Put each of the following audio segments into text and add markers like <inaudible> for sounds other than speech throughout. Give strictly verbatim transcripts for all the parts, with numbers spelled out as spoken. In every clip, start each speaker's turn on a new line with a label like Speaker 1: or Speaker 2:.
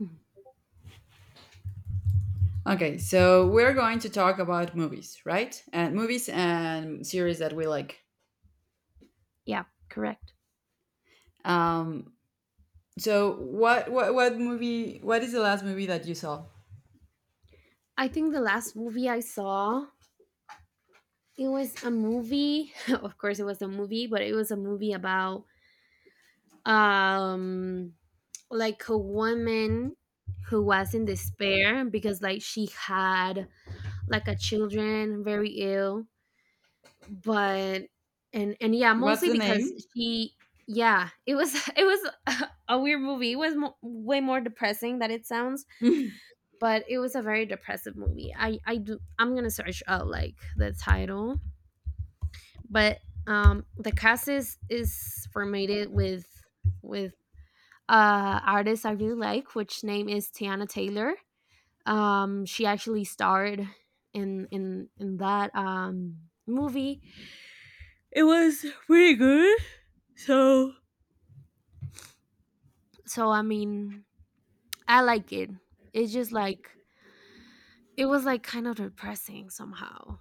Speaker 1: Mhm.
Speaker 2: Okay, so we're going to talk about movies, right? And movies and series that we like.
Speaker 1: Yeah, correct.
Speaker 2: Um, so what, what what movie? What is the last movie that you saw?
Speaker 1: I think the last movie I saw, it was a movie. <laughs> Of course, it was a movie, but it was a movie about um like a woman who was in despair because like she had like a children very ill, but and and yeah,
Speaker 2: What's
Speaker 1: mostly
Speaker 2: the
Speaker 1: because
Speaker 2: name?
Speaker 1: she yeah, it was <laughs> it was a weird movie. It was mo- way more depressing than it sounds,
Speaker 2: <laughs>
Speaker 1: but it was a very depressive movie. I I do I'm gonna search out like the title, but um the cast is is formatted with with uh artists I really like, which name is Tiana Taylor. Um, she actually starred in in in that um movie. It was pretty good. So so I mean I like it. It's just like it was like kind of depressing somehow.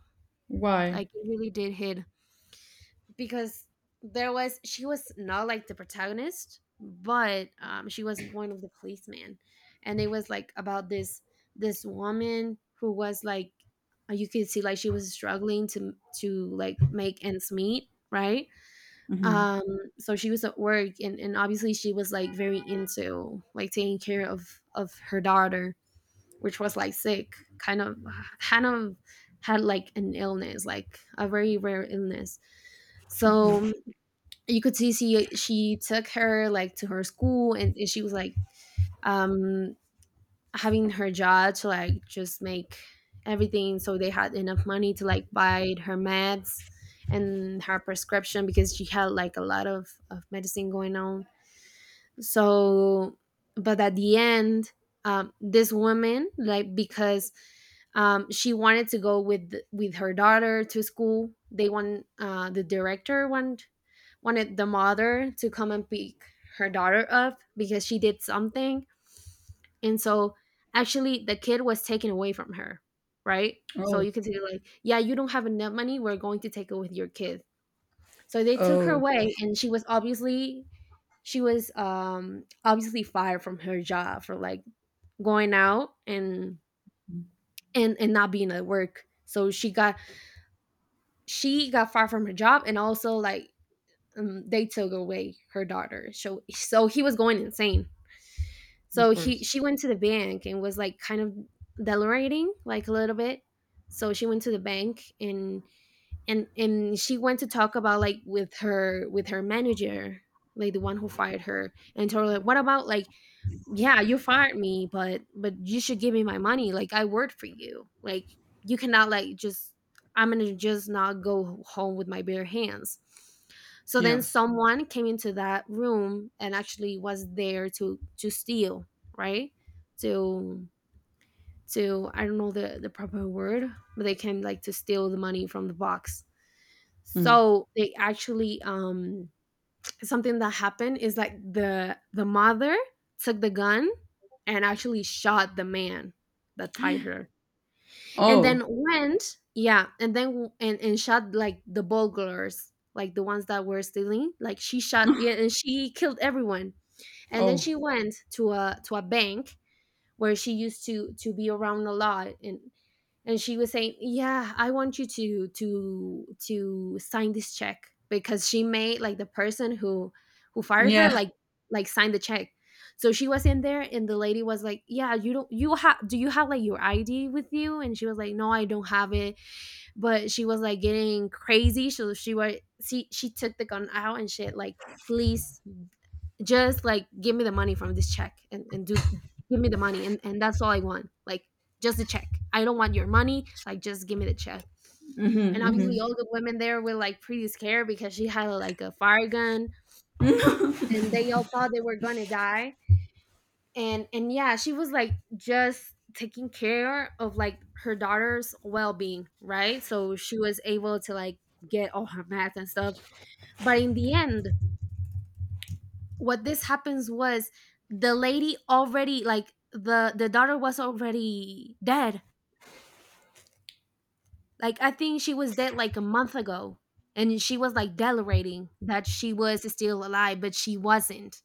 Speaker 2: Why?
Speaker 1: Like it really did hit because there was she was not like the protagonist but um she was one of the policemen, and it was like about this this woman who was like uh, you could see like she was struggling to to like make ends meet, right?
Speaker 2: Hmm
Speaker 1: um so she was at work and, and obviously she was like very into like taking care of of her daughter, which was like sick, kind of kind of had like an illness, like a very rare illness. So you could see she she took her like to her school and, and she was like um having her job to like just make everything so they had enough money to like buy her meds and her prescription because she had like a lot of, of medicine going on. So but at the end, um this woman like because um, she wanted to go with with her daughter to school. They want uh, the director wanted wanted the mother to come and pick her daughter up because she did something. And so actually the kid was taken away from her, right? So
Speaker 2: Oh,
Speaker 1: you can say like, yeah, you don't have enough money, we're going to take it with your kid. So they took her
Speaker 2: oh,
Speaker 1: away and she was obviously she was um obviously fired from her job for like going out and and and not being at work. So she got she got fired from her job, and also like, um, they took away her daughter. So so he was going insane.
Speaker 2: of
Speaker 1: So he
Speaker 2: course.
Speaker 1: she went to the bank and was like kind of delirating like a little bit. So she went to the bank, and and and she went to talk about like with her with her manager, like the one who fired her, and told her like, what about like, yeah, you fired me, but but you should give me my money, like I worked for you, like you cannot like just, I'm gonna just not go home with my bare hands. So then
Speaker 2: Yeah.
Speaker 1: someone came into that room and actually was there to to steal, right, to to I don't know the the proper word, but they came like to steal the money from the box.
Speaker 2: Mm.
Speaker 1: So they actually um something that happened is like the the mother took the gun and actually shot the man that fired her, and then
Speaker 2: Oh,
Speaker 1: went, yeah, and then and, and shot like the burglars, like the ones that were stealing, like she shot, yeah, and she killed everyone. And then
Speaker 2: oh,
Speaker 1: she went to a to a bank where she used to to be around a lot, and and she was saying, yeah, I want you to to to sign this check, because she made like the person who who fired her
Speaker 2: yeah.
Speaker 1: like like sign the check. So she was in there and the lady was like, yeah, you don't you have, do you have like your ID with you? And she was like, no, I don't have it. But she was like getting crazy, so she was she she took the gun out, and she like, please, just like give me the money from this check, and, and do give me the money and, and that's all I want, like just the check. I don't want your money, like just give me the check. And
Speaker 2: hmm
Speaker 1: obviously all
Speaker 2: hmm
Speaker 1: the women there were like pretty scared because she had like a fire gun, and they all thought they were gonna die. and and yeah, she was like just taking care of like her daughter's well-being, right? So she was able to like get all her math and stuff. But in the end, what this happens was, the lady already like the the daughter was already dead. Like I think she was dead like a month ago, and she was like deliberating that she was still alive, but she wasn't,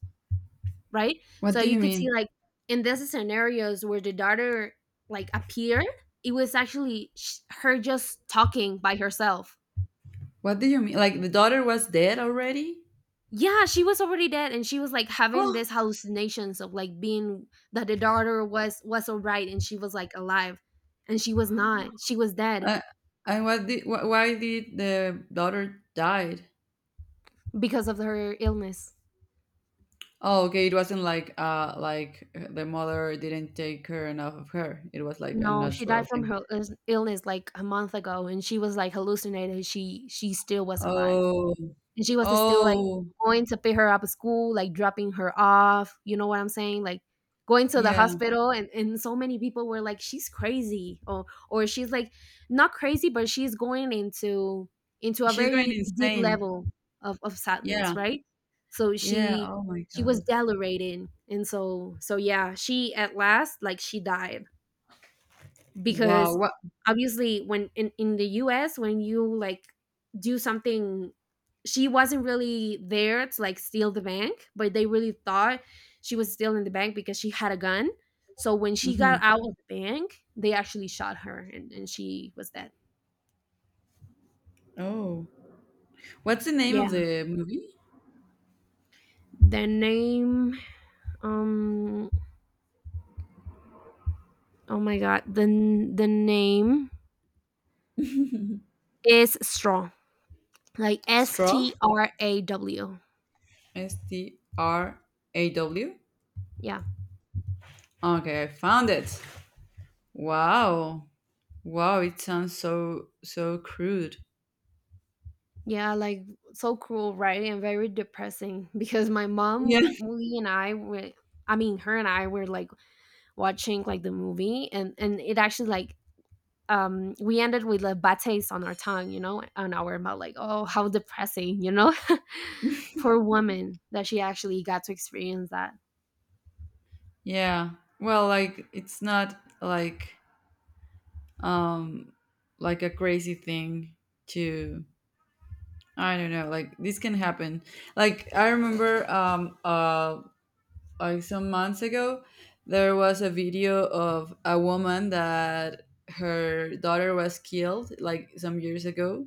Speaker 1: right?
Speaker 2: What
Speaker 1: So
Speaker 2: do
Speaker 1: you
Speaker 2: you
Speaker 1: could see
Speaker 2: mean?
Speaker 1: like in these scenarios where the daughter like appeared, it was actually sh- her just talking by herself.
Speaker 2: What do you mean? Like the daughter was dead already?
Speaker 1: Yeah, she was already dead and she was like having
Speaker 2: Oh,
Speaker 1: these hallucinations of like being, that the daughter was was all right and she was like alive, and she was not. She was dead
Speaker 2: uh, and what did? Wh- why did the daughter died?
Speaker 1: because of her illness.
Speaker 2: Oh, okay. It wasn't like uh like uh, the mother didn't take care enough of her. It was like a
Speaker 1: No, she
Speaker 2: natural
Speaker 1: died from
Speaker 2: thing.
Speaker 1: her illness illness, like a month ago, and she was like hallucinated she she still was alive.
Speaker 2: Oh,
Speaker 1: And she was still like
Speaker 2: oh,
Speaker 1: going to pick her up at school, like dropping her off, you know what I'm saying, like going to the
Speaker 2: yeah.
Speaker 1: hospital and, and so many people were like she's crazy, or or she's like not crazy but she's going into into a
Speaker 2: She's going
Speaker 1: very deep
Speaker 2: insane.
Speaker 1: level of, of
Speaker 2: Yeah,
Speaker 1: sadness, right? So
Speaker 2: yeah.
Speaker 1: she
Speaker 2: Oh my
Speaker 1: she was
Speaker 2: god.
Speaker 1: delirating, and so so yeah, she at last like she died,
Speaker 2: Wow.
Speaker 1: because
Speaker 2: What?
Speaker 1: obviously when in, in the US when you like do something, she wasn't really there to like steal the bank, but they really thought she was stealing the bank because she had a gun. So when she got
Speaker 2: Hmm
Speaker 1: out of the bank, they actually shot her and, and she was dead.
Speaker 2: Oh, what's the name of
Speaker 1: Yeah.
Speaker 2: the movie?
Speaker 1: The name, um oh my god, the n- the name is Straw. Like S
Speaker 2: Straw.
Speaker 1: T R A W.
Speaker 2: S T R A W.
Speaker 1: Yeah.
Speaker 2: Okay, I found it. Wow. Wow. It sounds so so crude.
Speaker 1: Yeah, like so cruel, right? And very depressing because my
Speaker 2: Yeah.
Speaker 1: mom, we and I were, I mean, her and I were like watching like the movie, and and it actually like um we ended with a bad taste on our tongue, you know, on our mouth, like, oh how depressing, you know. <laughs> Poor woman that she actually got to experience that.
Speaker 2: Yeah. Well, like it's not like um like a crazy thing to, I don't know, like this can happen. Like I remember um uh like some months ago there was a video of a woman that her daughter was killed like some years ago,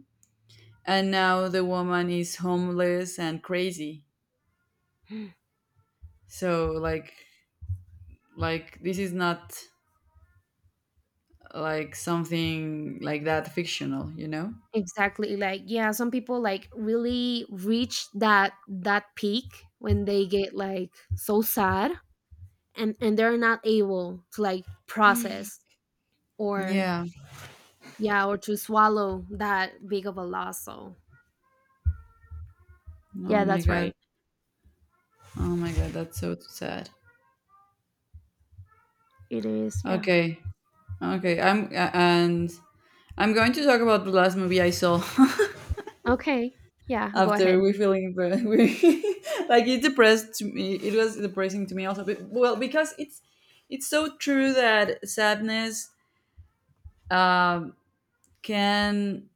Speaker 2: and now the woman is homeless and crazy.
Speaker 1: <gasps>
Speaker 2: So like like this is not like something like that fictional, you know?
Speaker 1: Exactly, like yeah, some people like really reach that that peak when they get like so sad, and and they're not able to like process, or
Speaker 2: Yeah,
Speaker 1: yeah, or to swallow that big of a loss. So
Speaker 2: oh
Speaker 1: yeah,
Speaker 2: my
Speaker 1: that's
Speaker 2: god.
Speaker 1: right.
Speaker 2: Oh my god, that's so sad.
Speaker 1: It is, yeah.
Speaker 2: Okay, okay. I'm a- and I'm going to talk about the last movie I saw.
Speaker 1: Okay. Yeah,
Speaker 2: <laughs>
Speaker 1: go
Speaker 2: after
Speaker 1: ahead.
Speaker 2: we feeling depre- <laughs> we like it depressed to me. It was depressing to me also. But, well, because it's it's so true that sadness um, can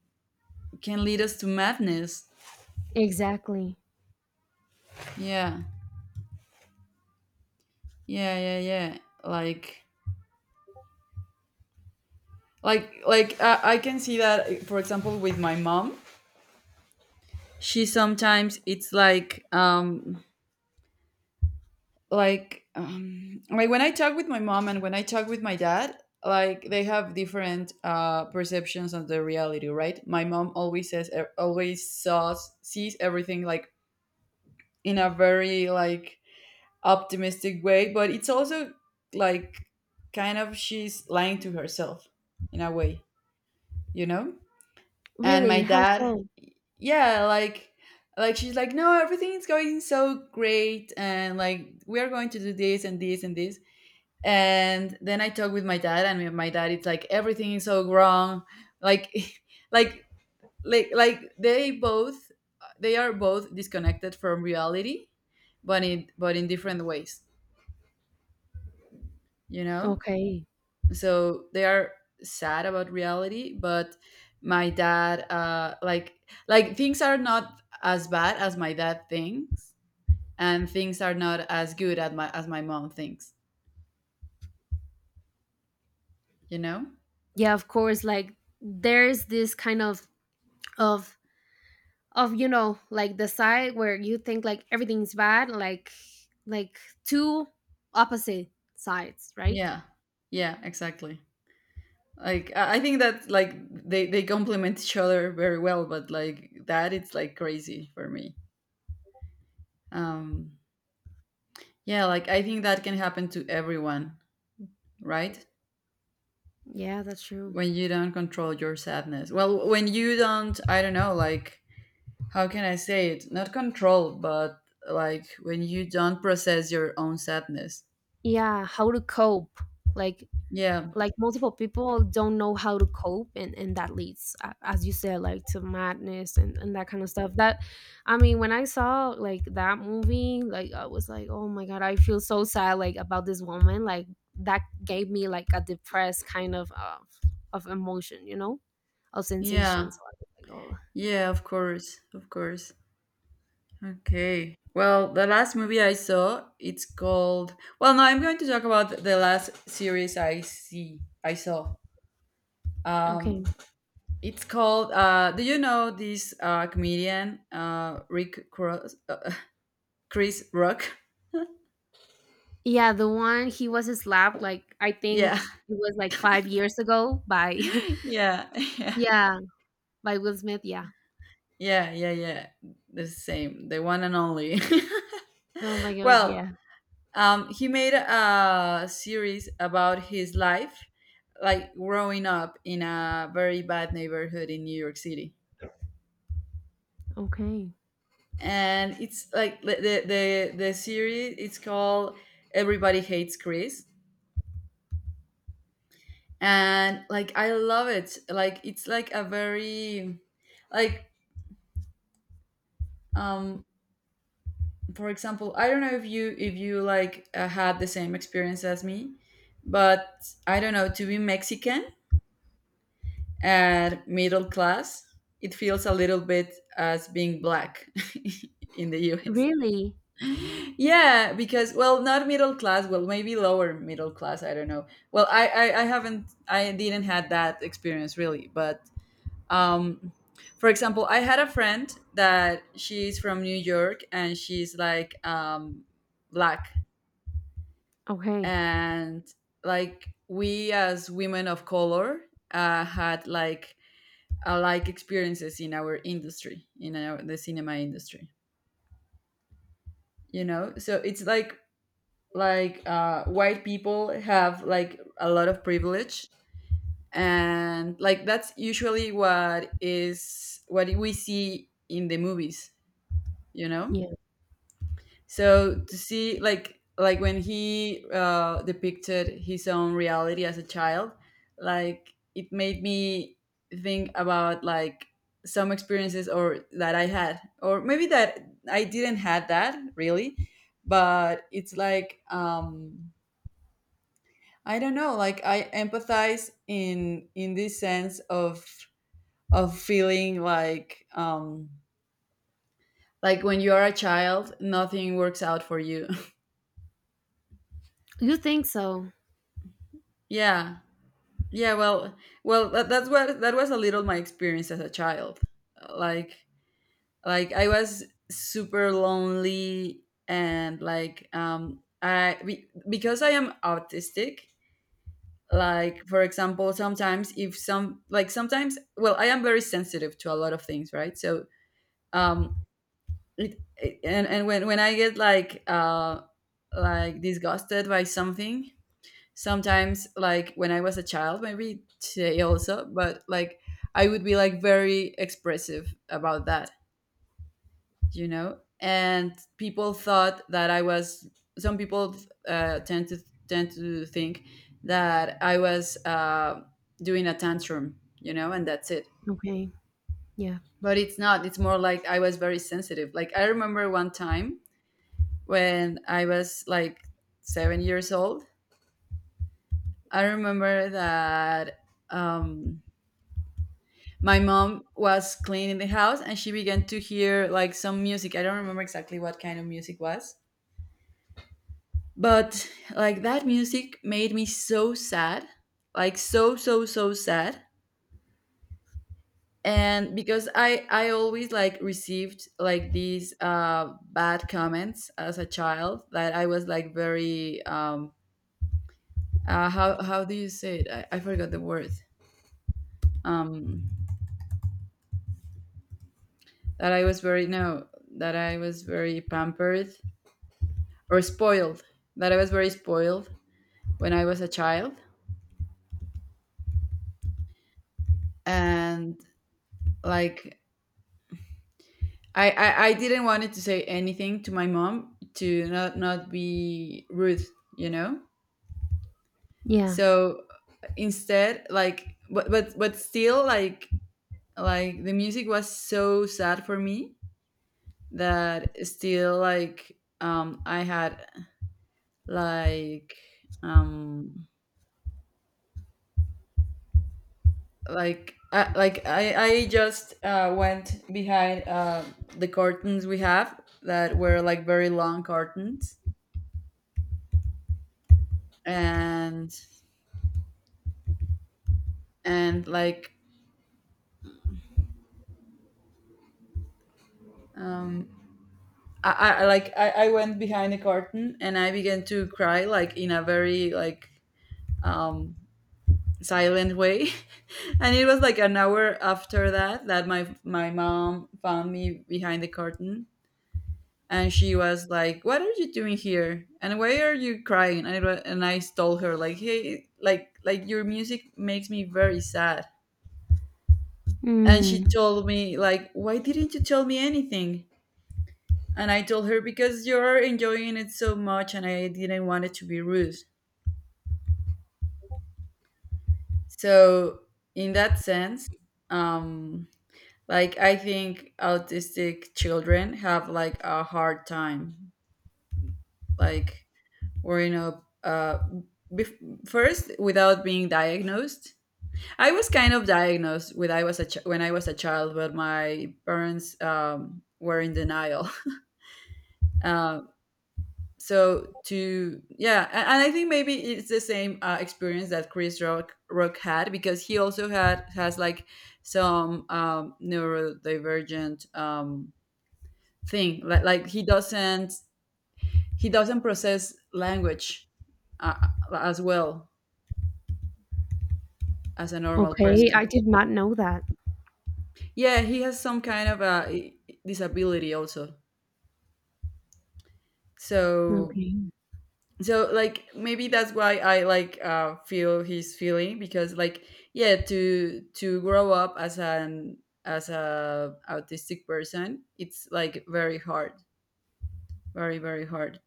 Speaker 2: can lead us to madness.
Speaker 1: Exactly.
Speaker 2: Yeah, yeah, yeah, yeah. Like, like like I, I can see that for example with my mom. She sometimes it's like um like um, like when I talk with my mom and when I talk with my dad, like they have different uh, perceptions of the reality, right? My mom always says er, always saws sees everything like in a very like optimistic way, but it's also like kind of she's lying to herself in a way, you know? And
Speaker 1: Really?
Speaker 2: my
Speaker 1: How
Speaker 2: dad,
Speaker 1: so?
Speaker 2: yeah, like like she's like no everything is going so great and like we are going to do this and this and this. And then I talk with my dad and my dad it's like everything is so wrong, like <laughs> like, like like they both, they are both disconnected from reality, but in but in different ways, you know?
Speaker 1: Okay.
Speaker 2: So they are sad about reality, but my dad uh like like things are not as bad as my dad thinks, and things are not as good as my as my mom thinks, you know?
Speaker 1: Yeah, of course, like there's this kind of of of you know, like the side where you think like everything's bad, like like two opposite sides, right?
Speaker 2: Yeah, yeah, exactly. Like i I think that like they they complement each other very well, but like that it's like crazy for me. um yeah, like I think that can happen to everyone, right?
Speaker 1: Yeah, that's true.
Speaker 2: When you don't control your sadness well, when you don't, I don't know, like how can I say it, not control, but like when you don't process your own sadness.
Speaker 1: Yeah, how to cope. Like
Speaker 2: Yeah,
Speaker 1: like multiple people don't know how to cope, and, and that leads a- as you said like to madness, and, and that kind of stuff that, I mean when I saw like that movie, like I was like oh my god, I feel so sad like about this woman, like that gave me like a depressed kind of of, of emotion, you know, of sensations.
Speaker 2: yeah
Speaker 1: So I was like,
Speaker 2: yeah Of course, of course. Okay. Well, the last movie I saw, it's called. Well, no, I'm going to talk about the last series I see. I saw.
Speaker 1: oh
Speaker 2: Um,
Speaker 1: okay,
Speaker 2: it's called. Uh, do you know this uh, comedian, uh, Rick Cross, uh, <laughs> Chris Rock?
Speaker 1: yeah, the one he was slapped, like I
Speaker 2: Yeah,
Speaker 1: think it was like five years ago by
Speaker 2: <laughs> yeah, <laughs>
Speaker 1: <laughs>
Speaker 2: yeah,
Speaker 1: yeah, by Will Smith, yeah,
Speaker 2: yeah, yeah, yeah. The same, the one and only.
Speaker 1: oh my
Speaker 2: <laughs>
Speaker 1: gosh,
Speaker 2: Well,
Speaker 1: yeah,
Speaker 2: Um, he made a series about his life, like growing up in a very bad neighborhood in New York City.
Speaker 1: okay.
Speaker 2: And it's like the the the series. It's called Everybody Hates Chris, and like I love it. Like it's like a very like, um for example, I don't know if you if you like uh, had the same experience as me, but I don't know, to be Mexican and middle class, it feels a little bit as being black <laughs> in the U S.
Speaker 1: Really?
Speaker 2: Yeah, because well, not middle class, well, maybe lower middle class. I don't know. Well, I I, I haven't, I didn't had that experience really, but um, for example, I had a friend that she's from New York and she's like um black.
Speaker 1: Okay.
Speaker 2: And like we as women of color uh, had like alike experiences in our industry, in our, the cinema industry, you know? So it's like like uh, white people have like a lot of privilege, and like that's usually what is what we see in the movies, you know?
Speaker 1: Yeah.
Speaker 2: So to see like like when he uh, depicted his own reality as a child, like it made me think about like some experiences or that I had, or maybe that I didn't had that really, but it's like um, I don't know, like I empathize in in this sense of of feeling like um, like when you are a child, nothing works out for you.
Speaker 1: You think so?
Speaker 2: <laughs> Yeah, yeah, well, well, that, that's what that was a little my experience as a child. Like, like I was super lonely and like um I be, because I am autistic. Like, for example, sometimes if some like sometimes, well, I am very sensitive to a lot of things, right? So, um, it, it- and and when when I get like uh like disgusted by something, sometimes like when I was a child, maybe today also, but like I would be like very expressive about that, you know? And people thought that I was, some people uh, tend to tend to think that I was uh, doing a tantrum, you know, and that's it.
Speaker 1: Okay. Yeah.
Speaker 2: But it's not, it's more like I was very sensitive. Like I remember one time when I was like seven years old. I remember that um my mom was cleaning the house and she began to hear like some music. I don't remember exactly what kind of music was, but like that music made me so sad, like so so so sad. And because I I always like received like these uh bad comments as a child, that I was like very um uh, how how do you say it? I, I forgot the word. Um that I was very no, that I was very pampered or spoiled, that I was very spoiled when I was a child. And like, I, I i didn't wanted to say anything to my mom to not not be rude, you know?
Speaker 1: Yeah.
Speaker 2: So instead, like, but but but still like like the music was so sad for me that still like um I had like um like I, like I, I just uh, went behind uh, the curtains we have that were like very long curtains. and and like um I, I I, like I, I went behind the curtain and I began to cry like in a very like um silent way. <laughs> And it was like an hour after that that my my mom found me behind the curtain, and she was like what are you doing here and why are you crying, and, it was, and I told her like hey, like like your music makes me very sad. And she
Speaker 1: Mm.
Speaker 2: told me like why didn't you tell me anything? And I told her because you're enjoying it so much and I didn't want it to be rude. So in that sense, um like I think autistic children have like a hard time, like. Or you know, uh, bef- first without being diagnosed, I was kind of diagnosed when I was a ch- when i was a child but my parents um, were in denial. <laughs> um, so to yeah, a- and I think maybe it's the same uh, experience that chris rock rock had, because he also had has like some um, neurodivergent um, thing, like, like he doesn't, he doesn't process language uh, as well as a normal
Speaker 1: Okay.
Speaker 2: person.
Speaker 1: I did not know that.
Speaker 2: Yeah, he has some kind of a disability also. So
Speaker 1: Okay.
Speaker 2: so like maybe that's why I like uh, feel his feeling because like yeah to to grow up as an as a autistic person, it's like very hard, very very hard.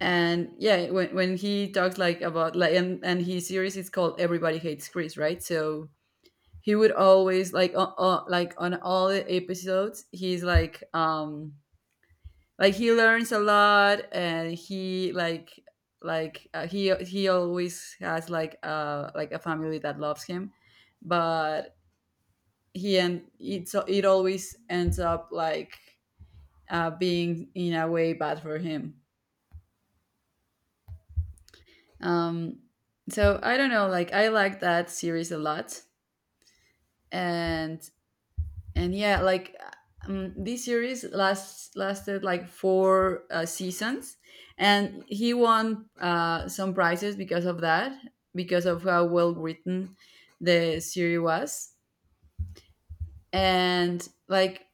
Speaker 2: And yeah, when, when he talks like about like and, and his series is called Everybody Hates Chris, right? So he would always like uh, uh, like on all the episodes he's like um like he learns a lot and he like like uh, he he always has like uh like a family that loves him. But he and it so it always ends up like uh being in a way bad for him. um so I don't know, like I like that series a lot. And and yeah, like um, this series last lasted like four uh, seasons, and he won uh, some prizes because of that, because of how well written the series was. and like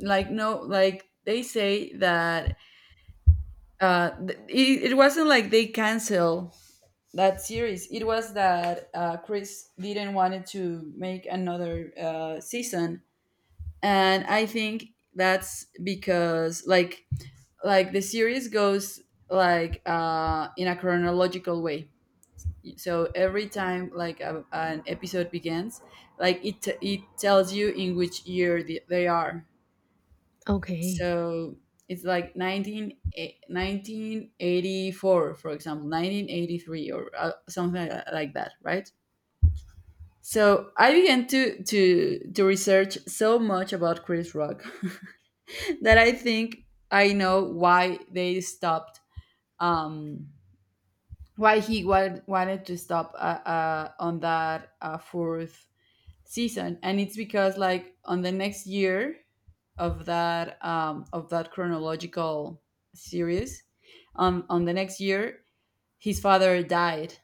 Speaker 2: like no like they say that uh, th- it, it wasn't like they cancel that series. It was that uh, Chris didn't want it to make another uh, season. And I think that's because like like the series goes like uh in a chronological way. So every time like a, an episode begins, like it t- it tells you in which year the, they are.
Speaker 1: Okay.
Speaker 2: So it's like nineteen eh, nineteen eighty-four, for example, nineteen eighty-three, or uh, something like like that, right? So I began to to to research so much about Chris Rock <laughs> that I think I know why they stopped. Um, why he wa- wanted to stop uh, uh, on that uh, fourth season. And it's because like on the next year of that um, of that chronological series, um, on the next year his father died.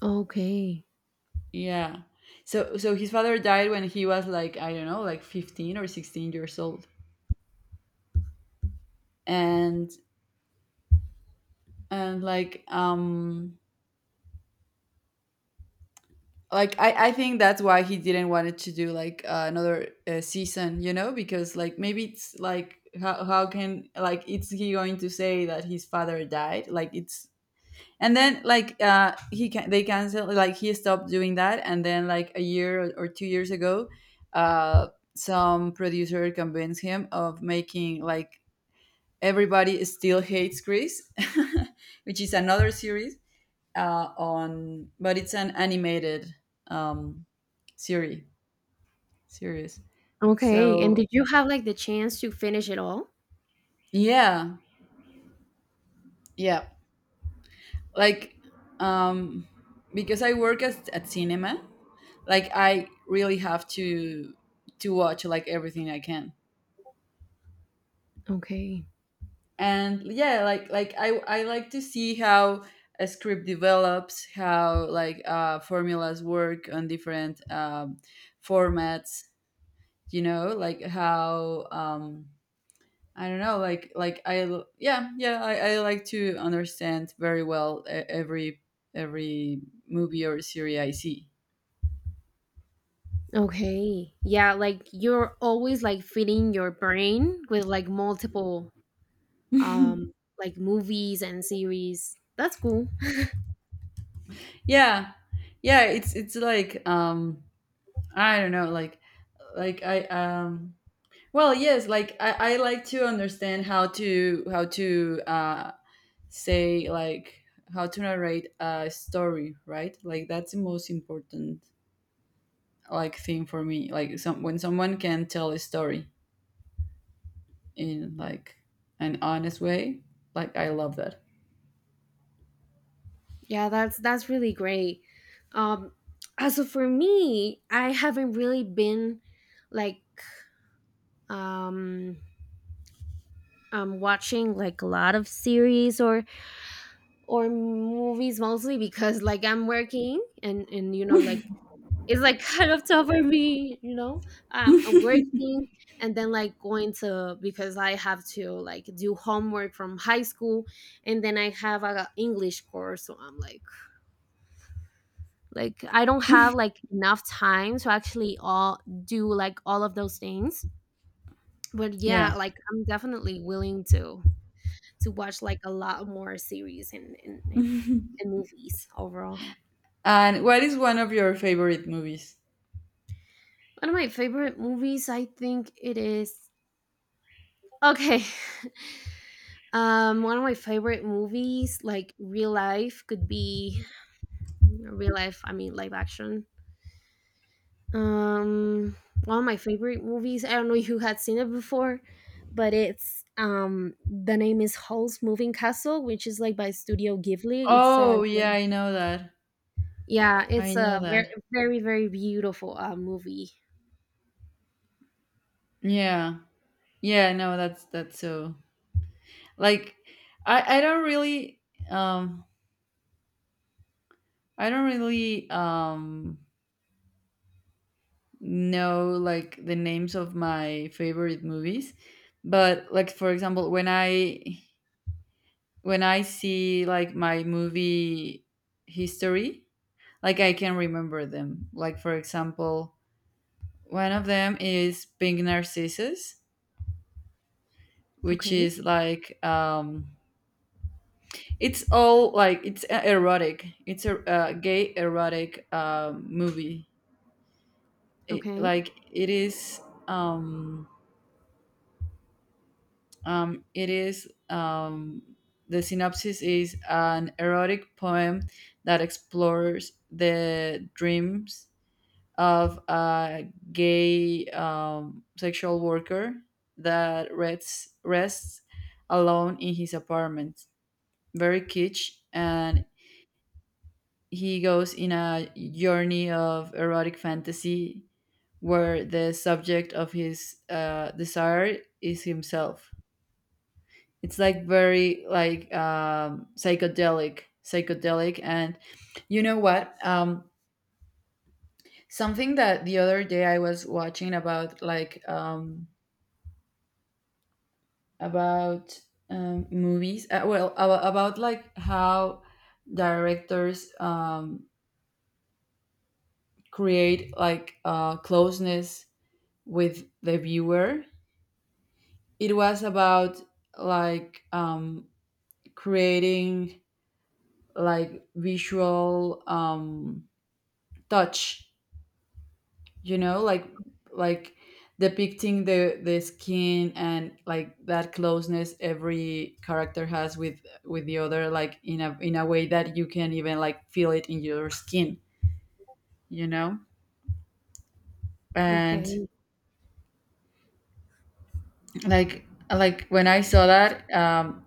Speaker 1: Okay.
Speaker 2: Yeah. So so his father died when he was like, I don't know, like fifteen or sixteen years old. And and like um like I, I think that's why he didn't wanted to do like uh, another uh, season, you know, because like maybe it's like how, how can like it's he going to say that his father died, like it's. And then like uh he can they cancel like he stopped doing that. And then like a year or two years ago, uh some producer convinced him of making like Everybody Still Hates Chris, <laughs> which is another series uh, on but it's an animated um series series
Speaker 1: Okay. And
Speaker 2: So
Speaker 1: did you have like the chance to finish it all?
Speaker 2: yeah. Yeah, like um because I work at, at cinema, like I really have to to watch like everything I can.
Speaker 1: Okay.
Speaker 2: And yeah, like like i i like to see how a script develops, how like uh formulas work on different um formats, you know, like how um I don't know, like like I l- yeah yeah I, I like to understand very well e- every every movie or series I see.
Speaker 1: Okay. Yeah, like you're always like feeding your brain with like multiple um like movies and series. That's cool.
Speaker 2: <laughs> Yeah, yeah, it's it's like um I don't know, like like I um well yes, like I, I like to understand how to how to uh say like how to narrate a story, right? Like that's the most important like thing for me. Like some when someone can tell a story in like an honest way. Like I love that.
Speaker 1: Yeah, that's that's really great. Um, as of for me, I haven't really been like um um watching like a lot of series or or movies, mostly because like I'm working and and you know like it's like <laughs> kind of tough for me, you know. Um, I'm
Speaker 2: <laughs>
Speaker 1: working and then like going to, because I have to like do homework from high school, and then I have a English course, so I'm like like I don't have like enough time to actually all do like all of those things, but yeah,
Speaker 2: Yeah.
Speaker 1: like I'm definitely willing to to watch like a lot more series and and,
Speaker 2: <laughs>
Speaker 1: and,
Speaker 2: And
Speaker 1: and movies overall.
Speaker 2: what is one of your favorite movies?
Speaker 1: One of my favorite movies, I think it is, okay, <laughs> um one of my favorite movies like real life could be, real life, I mean live action. Um, One of my favorite movies, I don't know if you had seen it before, but it's um the name is Howl's Moving Castle, which is like by Studio Ghibli. It's like
Speaker 2: Oh
Speaker 1: a,
Speaker 2: yeah, I know that.
Speaker 1: yeah,
Speaker 2: I
Speaker 1: it's
Speaker 2: know
Speaker 1: a very
Speaker 2: that.
Speaker 1: very very beautiful uh, movie.
Speaker 2: Yeah. Yeah, no, that's that's so like I I don't really um I don't really um know like the names of my favorite movies, but like, for example, when I when I see like my movie history, like I can remember them. Like for example, one of them is Pink Narcissus, which
Speaker 1: Okay,
Speaker 2: is like um, it's all like it's a- erotic. It's a uh, gay erotic um, movie. It,
Speaker 1: okay,
Speaker 2: like it is. Um, um, it is. Um, the synopsis is an erotic poem that explores the dreams of a gay um, sexual worker that rests, rests alone in his apartment. Very kitsch. And he goes in a journey of erotic fantasy where the subject of his uh, desire is himself. It's like very like um, psychedelic, psychedelic. And you know what? Um, something that the other day I was watching about like um, about um, movies. Uh, well, about, about like how directors um, create like uh, closeness with the viewer. It was about like um, creating like visual um, touch, you know, like like depicting the the skin and like that closeness every character has with with the other, like in a in a way that you can even like feel it in your skin, you know. And
Speaker 1: okay.
Speaker 2: like like when I saw that, um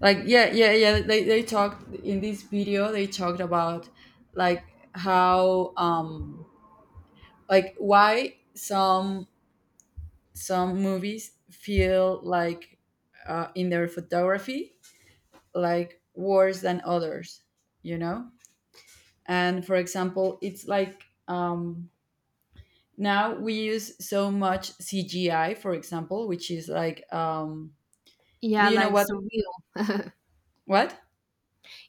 Speaker 2: like yeah yeah yeah they, they talked in this video, they talked about like how um like why some some movies feel like uh, in their photography like worse than others, you know. And for example, it's like um, now we use so much CGI, for example, which is like um, do
Speaker 1: Yeah,
Speaker 2: you know
Speaker 1: like
Speaker 2: what
Speaker 1: surreal.
Speaker 2: what.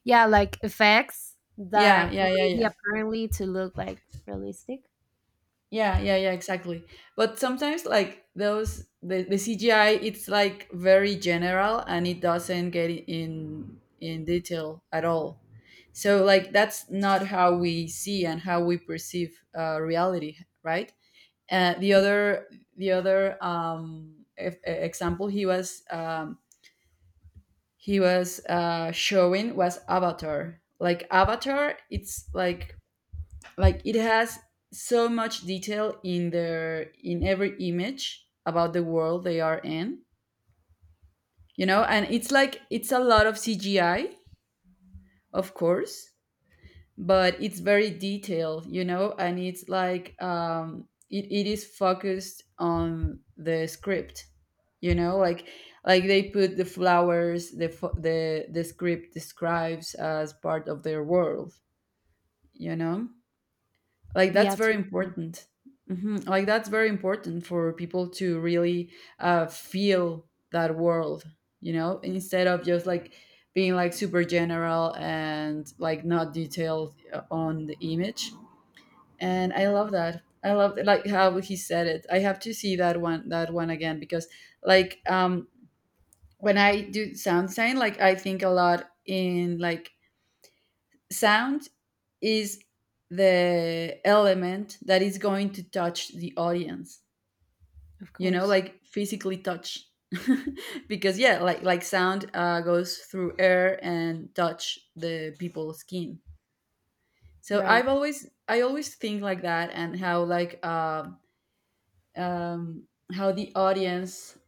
Speaker 1: Yeah, like effects
Speaker 2: Yeah
Speaker 1: that
Speaker 2: yeah yeah
Speaker 1: maybe
Speaker 2: yeah.
Speaker 1: apparently to look like realistic.
Speaker 2: Yeah, yeah, yeah, exactly. But sometimes like those the, the C G I it's like very general, and it doesn't get in in detail at all. So like that's not how we see and how we perceive uh, reality, right? Uh, the other the other um, e- e-, example he was um, he was uh, showing was Avatar. Like Avatar, it's like like it has so much detail in their in every image about the world they are in, you know. And it's like it's a lot of CGI, of course, but it's very detailed, you know. And it's like um it, it is focused on the script, you know, like like they put the flowers, the fo- the the script describes as part of their world, you know, like that's
Speaker 1: Yeah,
Speaker 2: very
Speaker 1: to me,
Speaker 2: important. Mhm. Like that's very important for people to really uh, feel that world, you know, instead of just like being like super general and like not detailed uh, on the image. And I love that, I love that, like how he said it. I have to see that one, that one again, because like um when I do sound design, like I think a lot in like sound is the element that is going to touch the audience,
Speaker 1: of
Speaker 2: you know,
Speaker 1: course.
Speaker 2: like physically touch. <laughs> Because yeah, like like sound uh, goes through air and touch the people's skin. So
Speaker 1: Right.
Speaker 2: I've always I always think like that. And how like uh, um, how the audience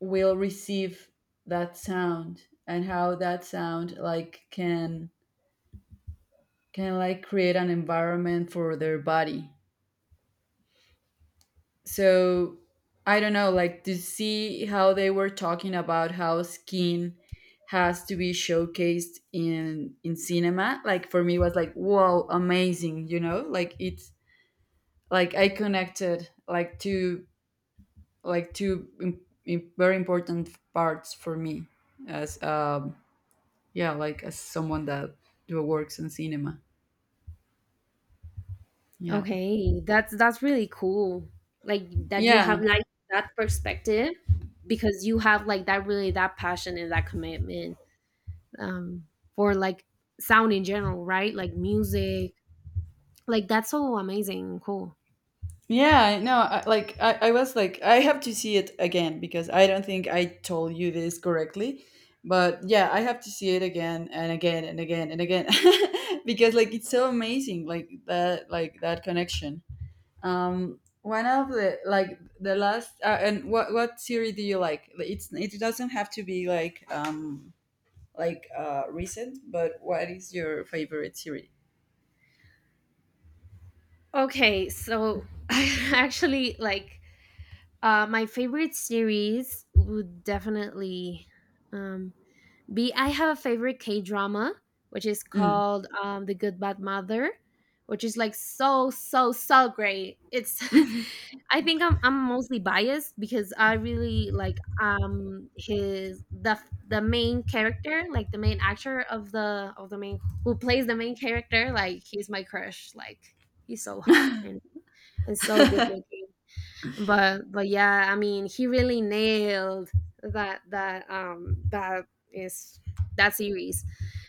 Speaker 2: will receive that sound, and how that sound like can can like create an environment for their body. So I don't know, like to see how they were talking about how skin has to be showcased in in cinema, like for me was like wow, amazing, you know, like it's like I connected like two like two im- im- very important parts for me as um yeah, like as someone that works in cinema, yeah.
Speaker 1: Okay, that's that's really cool. Like that you have
Speaker 2: Yeah.
Speaker 1: like that perspective because you have like that really that passion and that commitment um for like sound in general, right? Like music. Like that's so amazing and cool.
Speaker 2: Yeah, no, I, like I, I was like, I have to see it again because I don't think I told you this correctly. But yeah, I have to see it again and again and again and again, <laughs> because like it's so amazing, like that, like that connection. Um, one of the like the last uh, and what what series do you like? Like, it's it doesn't have to be like um like uh recent, but what is your favorite series?
Speaker 1: Okay, so <laughs> I actually like uh my favorite series would definitely um B, I have a favorite K drama, which is
Speaker 2: Mm.
Speaker 1: called um, The Good Bad Mother, which is like so, so, so great. It's, <laughs> I think I'm, I'm mostly biased because I really like um his the the main character, like the main actor of the of the main who plays the main character. Like he's my crush. Like he's so hot and and so good looking but but yeah I mean he really nailed that that um that is that series.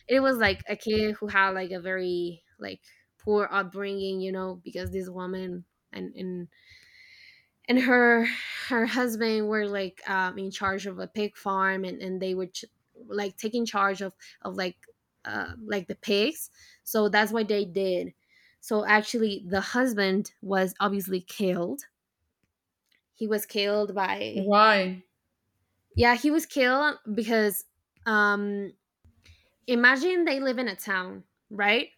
Speaker 1: It was like a kid who had like a very like poor upbringing, you know, because this woman and and and her her husband were like um in charge of a pig farm, and and they were ch- like taking charge of of like uh like the pigs. So that's what they did. So actually the husband was obviously killed. He was killed by,
Speaker 2: Why?
Speaker 1: yeah, he was killed because um imagine they live in a town, right?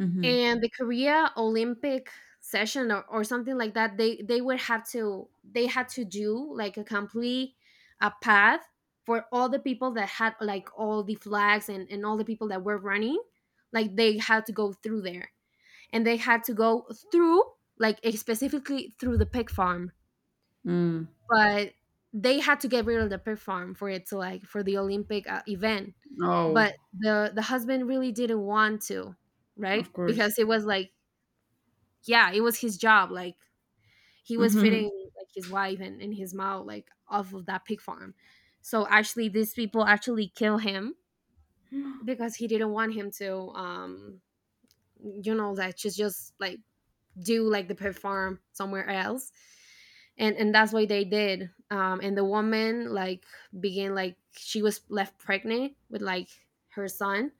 Speaker 2: Mm-hmm.
Speaker 1: And the Korea Olympic session, or, or something like that, they they would have to, they had to do like a complete, a path for all the people that had like all the flags and and all the people that were running, like they had to go through there. And they had to go through, like, eh, specifically through the pig farm.
Speaker 2: Mm.
Speaker 1: But they had to get rid of the pig farm for it to like for the Olympic uh, event.
Speaker 2: Oh,
Speaker 1: But the the husband really didn't want to, right?
Speaker 2: of course.
Speaker 1: Because it was like, yeah, it was his job. Like he was feeding
Speaker 2: Mhm.
Speaker 1: like his wife and, and his mouth like off of that pig farm. So actually, these people actually kill him because he didn't want him to, um, you know, like just just like do like the perform somewhere else. and and that's what they did. Um and the woman like began, like she was left pregnant with like her son,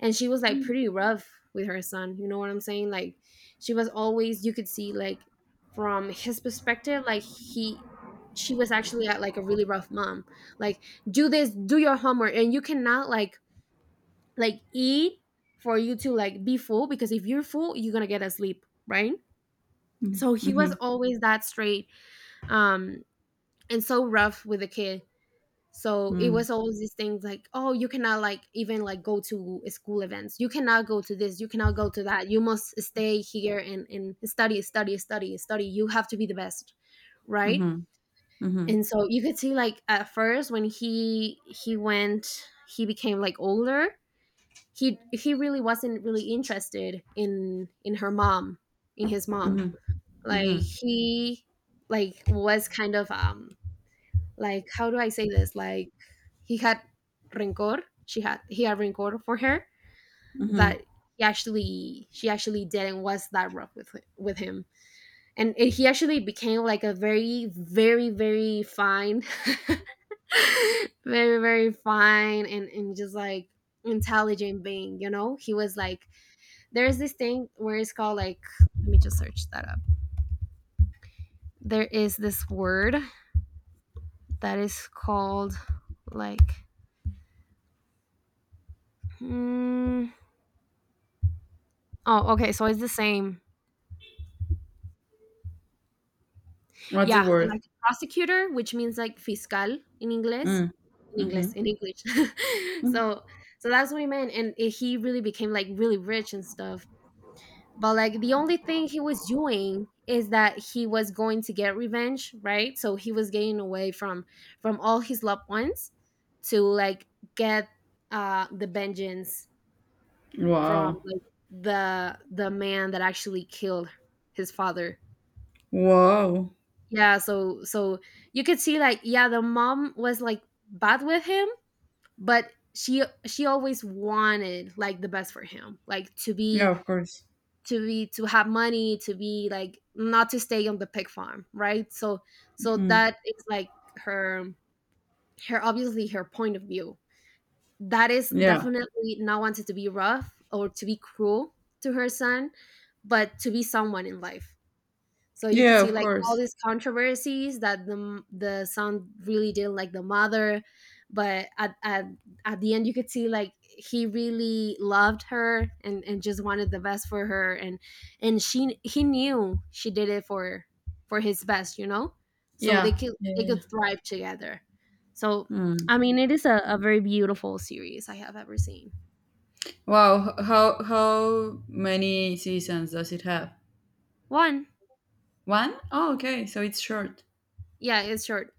Speaker 1: and she was like
Speaker 2: Mm,
Speaker 1: pretty rough with her son, you know what I'm saying? Like she was always, you could see like from his perspective like he, she was actually at like a really rough mom. Like, "Do this, do your homework, and you cannot like like eat for you to like be full, because if you're full you're gonna get asleep, right?"
Speaker 2: mhm,
Speaker 1: So he was
Speaker 2: mm,
Speaker 1: always that straight um and so rough with the kid. So it
Speaker 2: mhm,
Speaker 1: was always these things like, "Oh, you cannot like even like go to school events, you cannot go to this, you cannot go to that, you must stay here and and study, study, study, study, you have to be the best," right?
Speaker 2: mhm,
Speaker 1: And so you could see like at first when he he went, he became like older, he he really wasn't really interested in in her mom, in his mom.
Speaker 2: mhm, mhm,
Speaker 1: Like he like was kind of um like, how do I say this? Like he had rencor. She had He had rencor for her,
Speaker 2: mhm.
Speaker 1: that he actually, she actually did, and was that rough with hi- with him. And it, he actually became like a very very very fine <laughs> very very fine and and just like intelligent being, you know? He was like, there's this thing where it's called like, let me just search that up. There is this word that is called like, mm, oh, okay, so it's the same,
Speaker 2: What's it
Speaker 1: yeah,
Speaker 2: worth?
Speaker 1: like prosecutor, which means like fiscal in English,
Speaker 2: Mm,
Speaker 1: in english
Speaker 2: mhm,
Speaker 1: in English. <laughs>
Speaker 2: mm.
Speaker 1: So so that's what he meant. And it- he really became like really rich and stuff. But like the only thing he was doing is that he was going to get revenge, right? So he was getting away from from all his loved ones to like get uh the vengeance from,
Speaker 2: Wow.
Speaker 1: like, the the man that actually killed his father.
Speaker 2: Wow.
Speaker 1: Yeah, so so you could see, like, yeah, the mom was, like, bad with him, but she she always wanted, like, the best for him, like, to
Speaker 2: Yeah,
Speaker 1: be,
Speaker 2: of course.
Speaker 1: to be, to have money, to be, like, not to stay on the pig farm, right? So so
Speaker 2: Mhm.
Speaker 1: that is, like, her, her obviously her point of view. That is
Speaker 2: Yeah.
Speaker 1: definitely not wanted to be rough or to be cruel to her son, but to be someone in life. So you can
Speaker 2: Yeah,
Speaker 1: see
Speaker 2: of
Speaker 1: like all
Speaker 2: course.
Speaker 1: these controversies, that the the son really didn't like the mother, but at at, at the end you could see like he really loved her, and, and just wanted the best for her, and and she, he knew she did it for for his best, you know? So they
Speaker 2: Yeah.
Speaker 1: could,
Speaker 2: Yeah.
Speaker 1: they
Speaker 2: Yeah. Yeah.
Speaker 1: could thrive together. So,
Speaker 2: Mm.
Speaker 1: I mean, it is a, a very beautiful series I have ever seen.
Speaker 2: Wow. h- How how many seasons does it have?
Speaker 1: One.
Speaker 2: One? Oh, okay. So it's short.
Speaker 1: Yeah, it's short.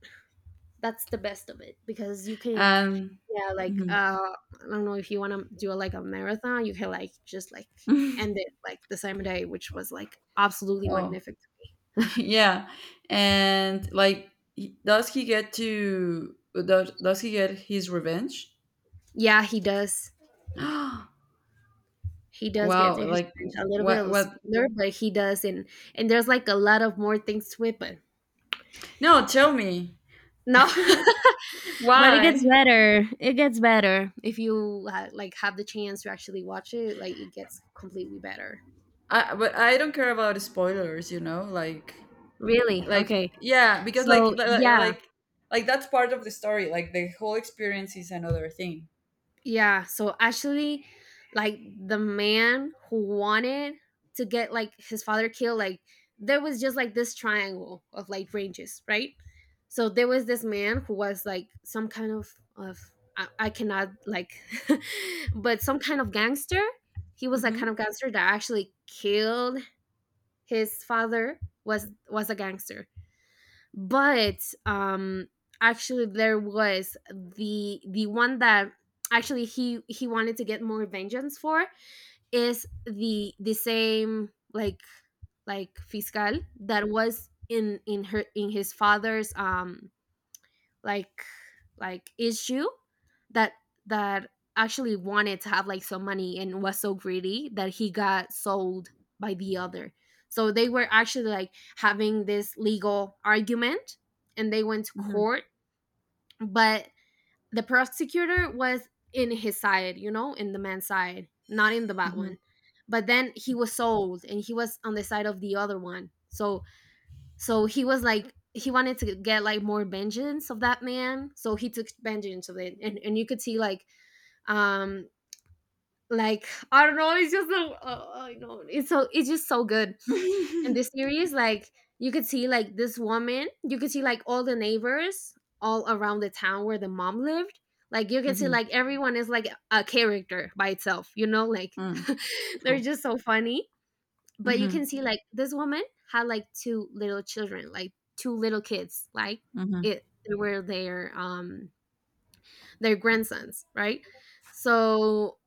Speaker 1: That's the best of it because you can,
Speaker 2: Um.
Speaker 1: yeah, like
Speaker 2: Mhm.
Speaker 1: uh, I don't know if you want to do like a marathon, you can like just like end it
Speaker 2: <laughs>
Speaker 1: like the same day, which was like absolutely
Speaker 2: Oh.
Speaker 1: magnificent.
Speaker 2: <laughs> Yeah, and like, he- does he get to, does does he get his revenge?
Speaker 1: Yeah, he does.
Speaker 2: <gasps> Wow,
Speaker 1: He does get to his
Speaker 2: like
Speaker 1: revenge. A little bit
Speaker 2: what
Speaker 1: of a
Speaker 2: what?
Speaker 1: spoiler, but he does, and and there's like a lot of more things to it, but
Speaker 2: No, tell me
Speaker 1: no. <laughs> But it gets
Speaker 2: why.
Speaker 1: better. It gets better if you uh, like have the chance to actually watch it. Like it gets completely better.
Speaker 2: I but I don't care about spoilers. You know, like
Speaker 1: Really?
Speaker 2: like
Speaker 1: Okay.
Speaker 2: yeah, because like
Speaker 1: So,
Speaker 2: li- li-
Speaker 1: yeah,
Speaker 2: like like that's part of the story. Like the whole experience is another thing.
Speaker 1: yeah, so actually, like the man who wanted to get like his father killed, like, there was just like this triangle of like ranges, right? So there was this man who was like some kind of of I, I cannot like, <laughs> but some kind of gangster. He was like
Speaker 2: Mm-hmm.
Speaker 1: kind of gangster that actually killed his father. Was was a gangster, but um actually there was the the one that actually he he wanted to get more vengeance for is the the same like like fiscal that was in in her in his father's um like like issue, that that actually wanted to have like some money and was so greedy that he got sold by the other. So they were actually like having this legal argument, and they went to
Speaker 2: Mm-hmm.
Speaker 1: court, but the prosecutor was in his side, you know, in the man's side, not in the bad one. But then he was sold and he was on the side of the other one. So so he was like he wanted to get like more vengeance of that man, so he took vengeance of it, and, and you could see like um like, I don't know, it's just so uh, I know it's so, it's just so good. And
Speaker 2: Mm-hmm.
Speaker 1: this series, like, you could see like this woman, you could see like all the neighbors all around the town where the mom lived. Like you
Speaker 2: <laughs>
Speaker 1: can see
Speaker 2: mm-hmm.
Speaker 1: like everyone is like a character by itself, you know, like
Speaker 2: Mm,
Speaker 1: <laughs> they're
Speaker 2: cool.
Speaker 1: just so funny. But you can see like this woman had like two little children, like two little kids, like
Speaker 2: Mm-hmm.
Speaker 1: it, they were their um their grandsons, right? So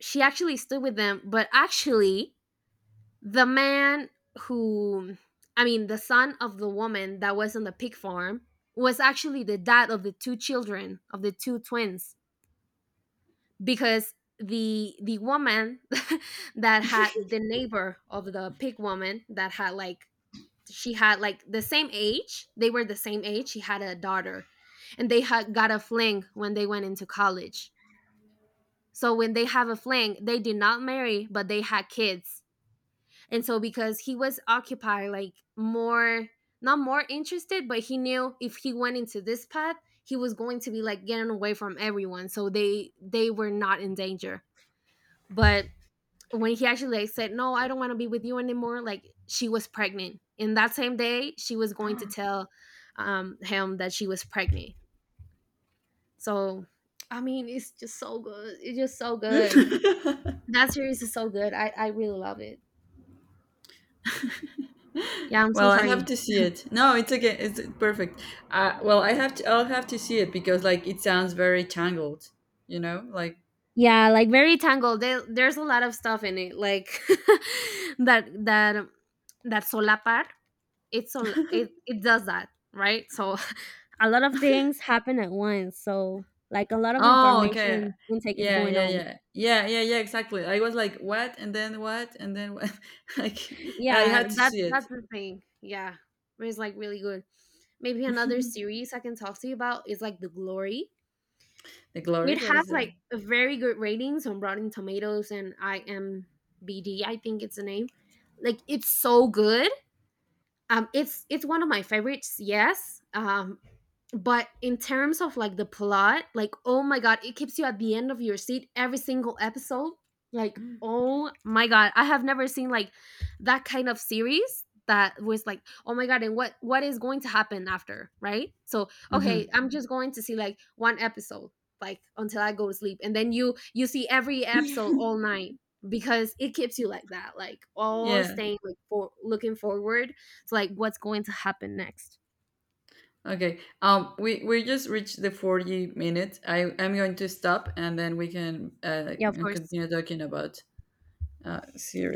Speaker 1: she actually stood with them, but actually the man who, I mean, the son of the woman that was on the pig farm, was actually the dad of the two children of the two twins, because the the woman <laughs> that had the neighbor of the pig woman, that had like, she had like the same age. They were the same age. She had a daughter, and they had got a fling when they went into college. So when they have a fling, they did not marry, but they had kids. And so because he was occupied, like more, not more interested, but he knew if he went into this path, he was going to be like getting away from everyone, so they they were not in danger. But when he actually like said, "No, I don't want to be with you anymore," like she was pregnant, and that same day she was going to tell, um, him that she was pregnant. So, I mean, it's just so good. It's just so good.
Speaker 2: Mm-hmm. <laughs>
Speaker 1: That series is so good. I I really love it. Yeah, I'm
Speaker 2: Well,
Speaker 1: so
Speaker 2: I have
Speaker 1: sorry.
Speaker 2: to see it. No, it's okay. It's perfect. Uh, well, I have to. I'll have to see it because like it sounds very tangled. You know, like
Speaker 1: Yeah, like very tangled. There, there's a lot of stuff in it, like <laughs> that that that solapar. It's sol it it does that, right? So a lot of things happen at once, so like a lot of
Speaker 2: oh, okay,
Speaker 1: information intake is
Speaker 2: yeah,
Speaker 1: going
Speaker 2: yeah,
Speaker 1: on.
Speaker 2: yeah, yeah, yeah, yeah. Exactly. I was like, what, and then what, and then what? <laughs> Like, I
Speaker 1: Yeah,
Speaker 2: had to see
Speaker 1: that's
Speaker 2: it.
Speaker 1: that's the thing. Yeah. It's like really good. Maybe another series I can talk to you about is like The Glory.
Speaker 2: The Glory.
Speaker 1: It
Speaker 2: What
Speaker 1: has
Speaker 2: is that?
Speaker 1: like a very good ratings on Rotten Tomatoes and I M D b, I think it's the name. Like it's so good. um it's it's one of my favorites, yes. Um but in terms of like the plot, like, oh my god, it keeps you at the end of your seat every single episode. Like, oh my god, I have never seen like that kind of series that was like, oh my god, and what what is going to happen after, right? So, okay,
Speaker 2: Mm-hmm.
Speaker 1: I'm just going to see like one episode, like, until I go to sleep, and then you you see every episode all night, because it keeps you like that, like all
Speaker 2: Yeah.
Speaker 1: staying like for looking forward, it's like what's going to happen next.
Speaker 2: Okay. Um, we we just reached the forty minutes. I I'm going to stop, and then we can uh
Speaker 1: Yeah, of course.
Speaker 2: continue talking about uh series.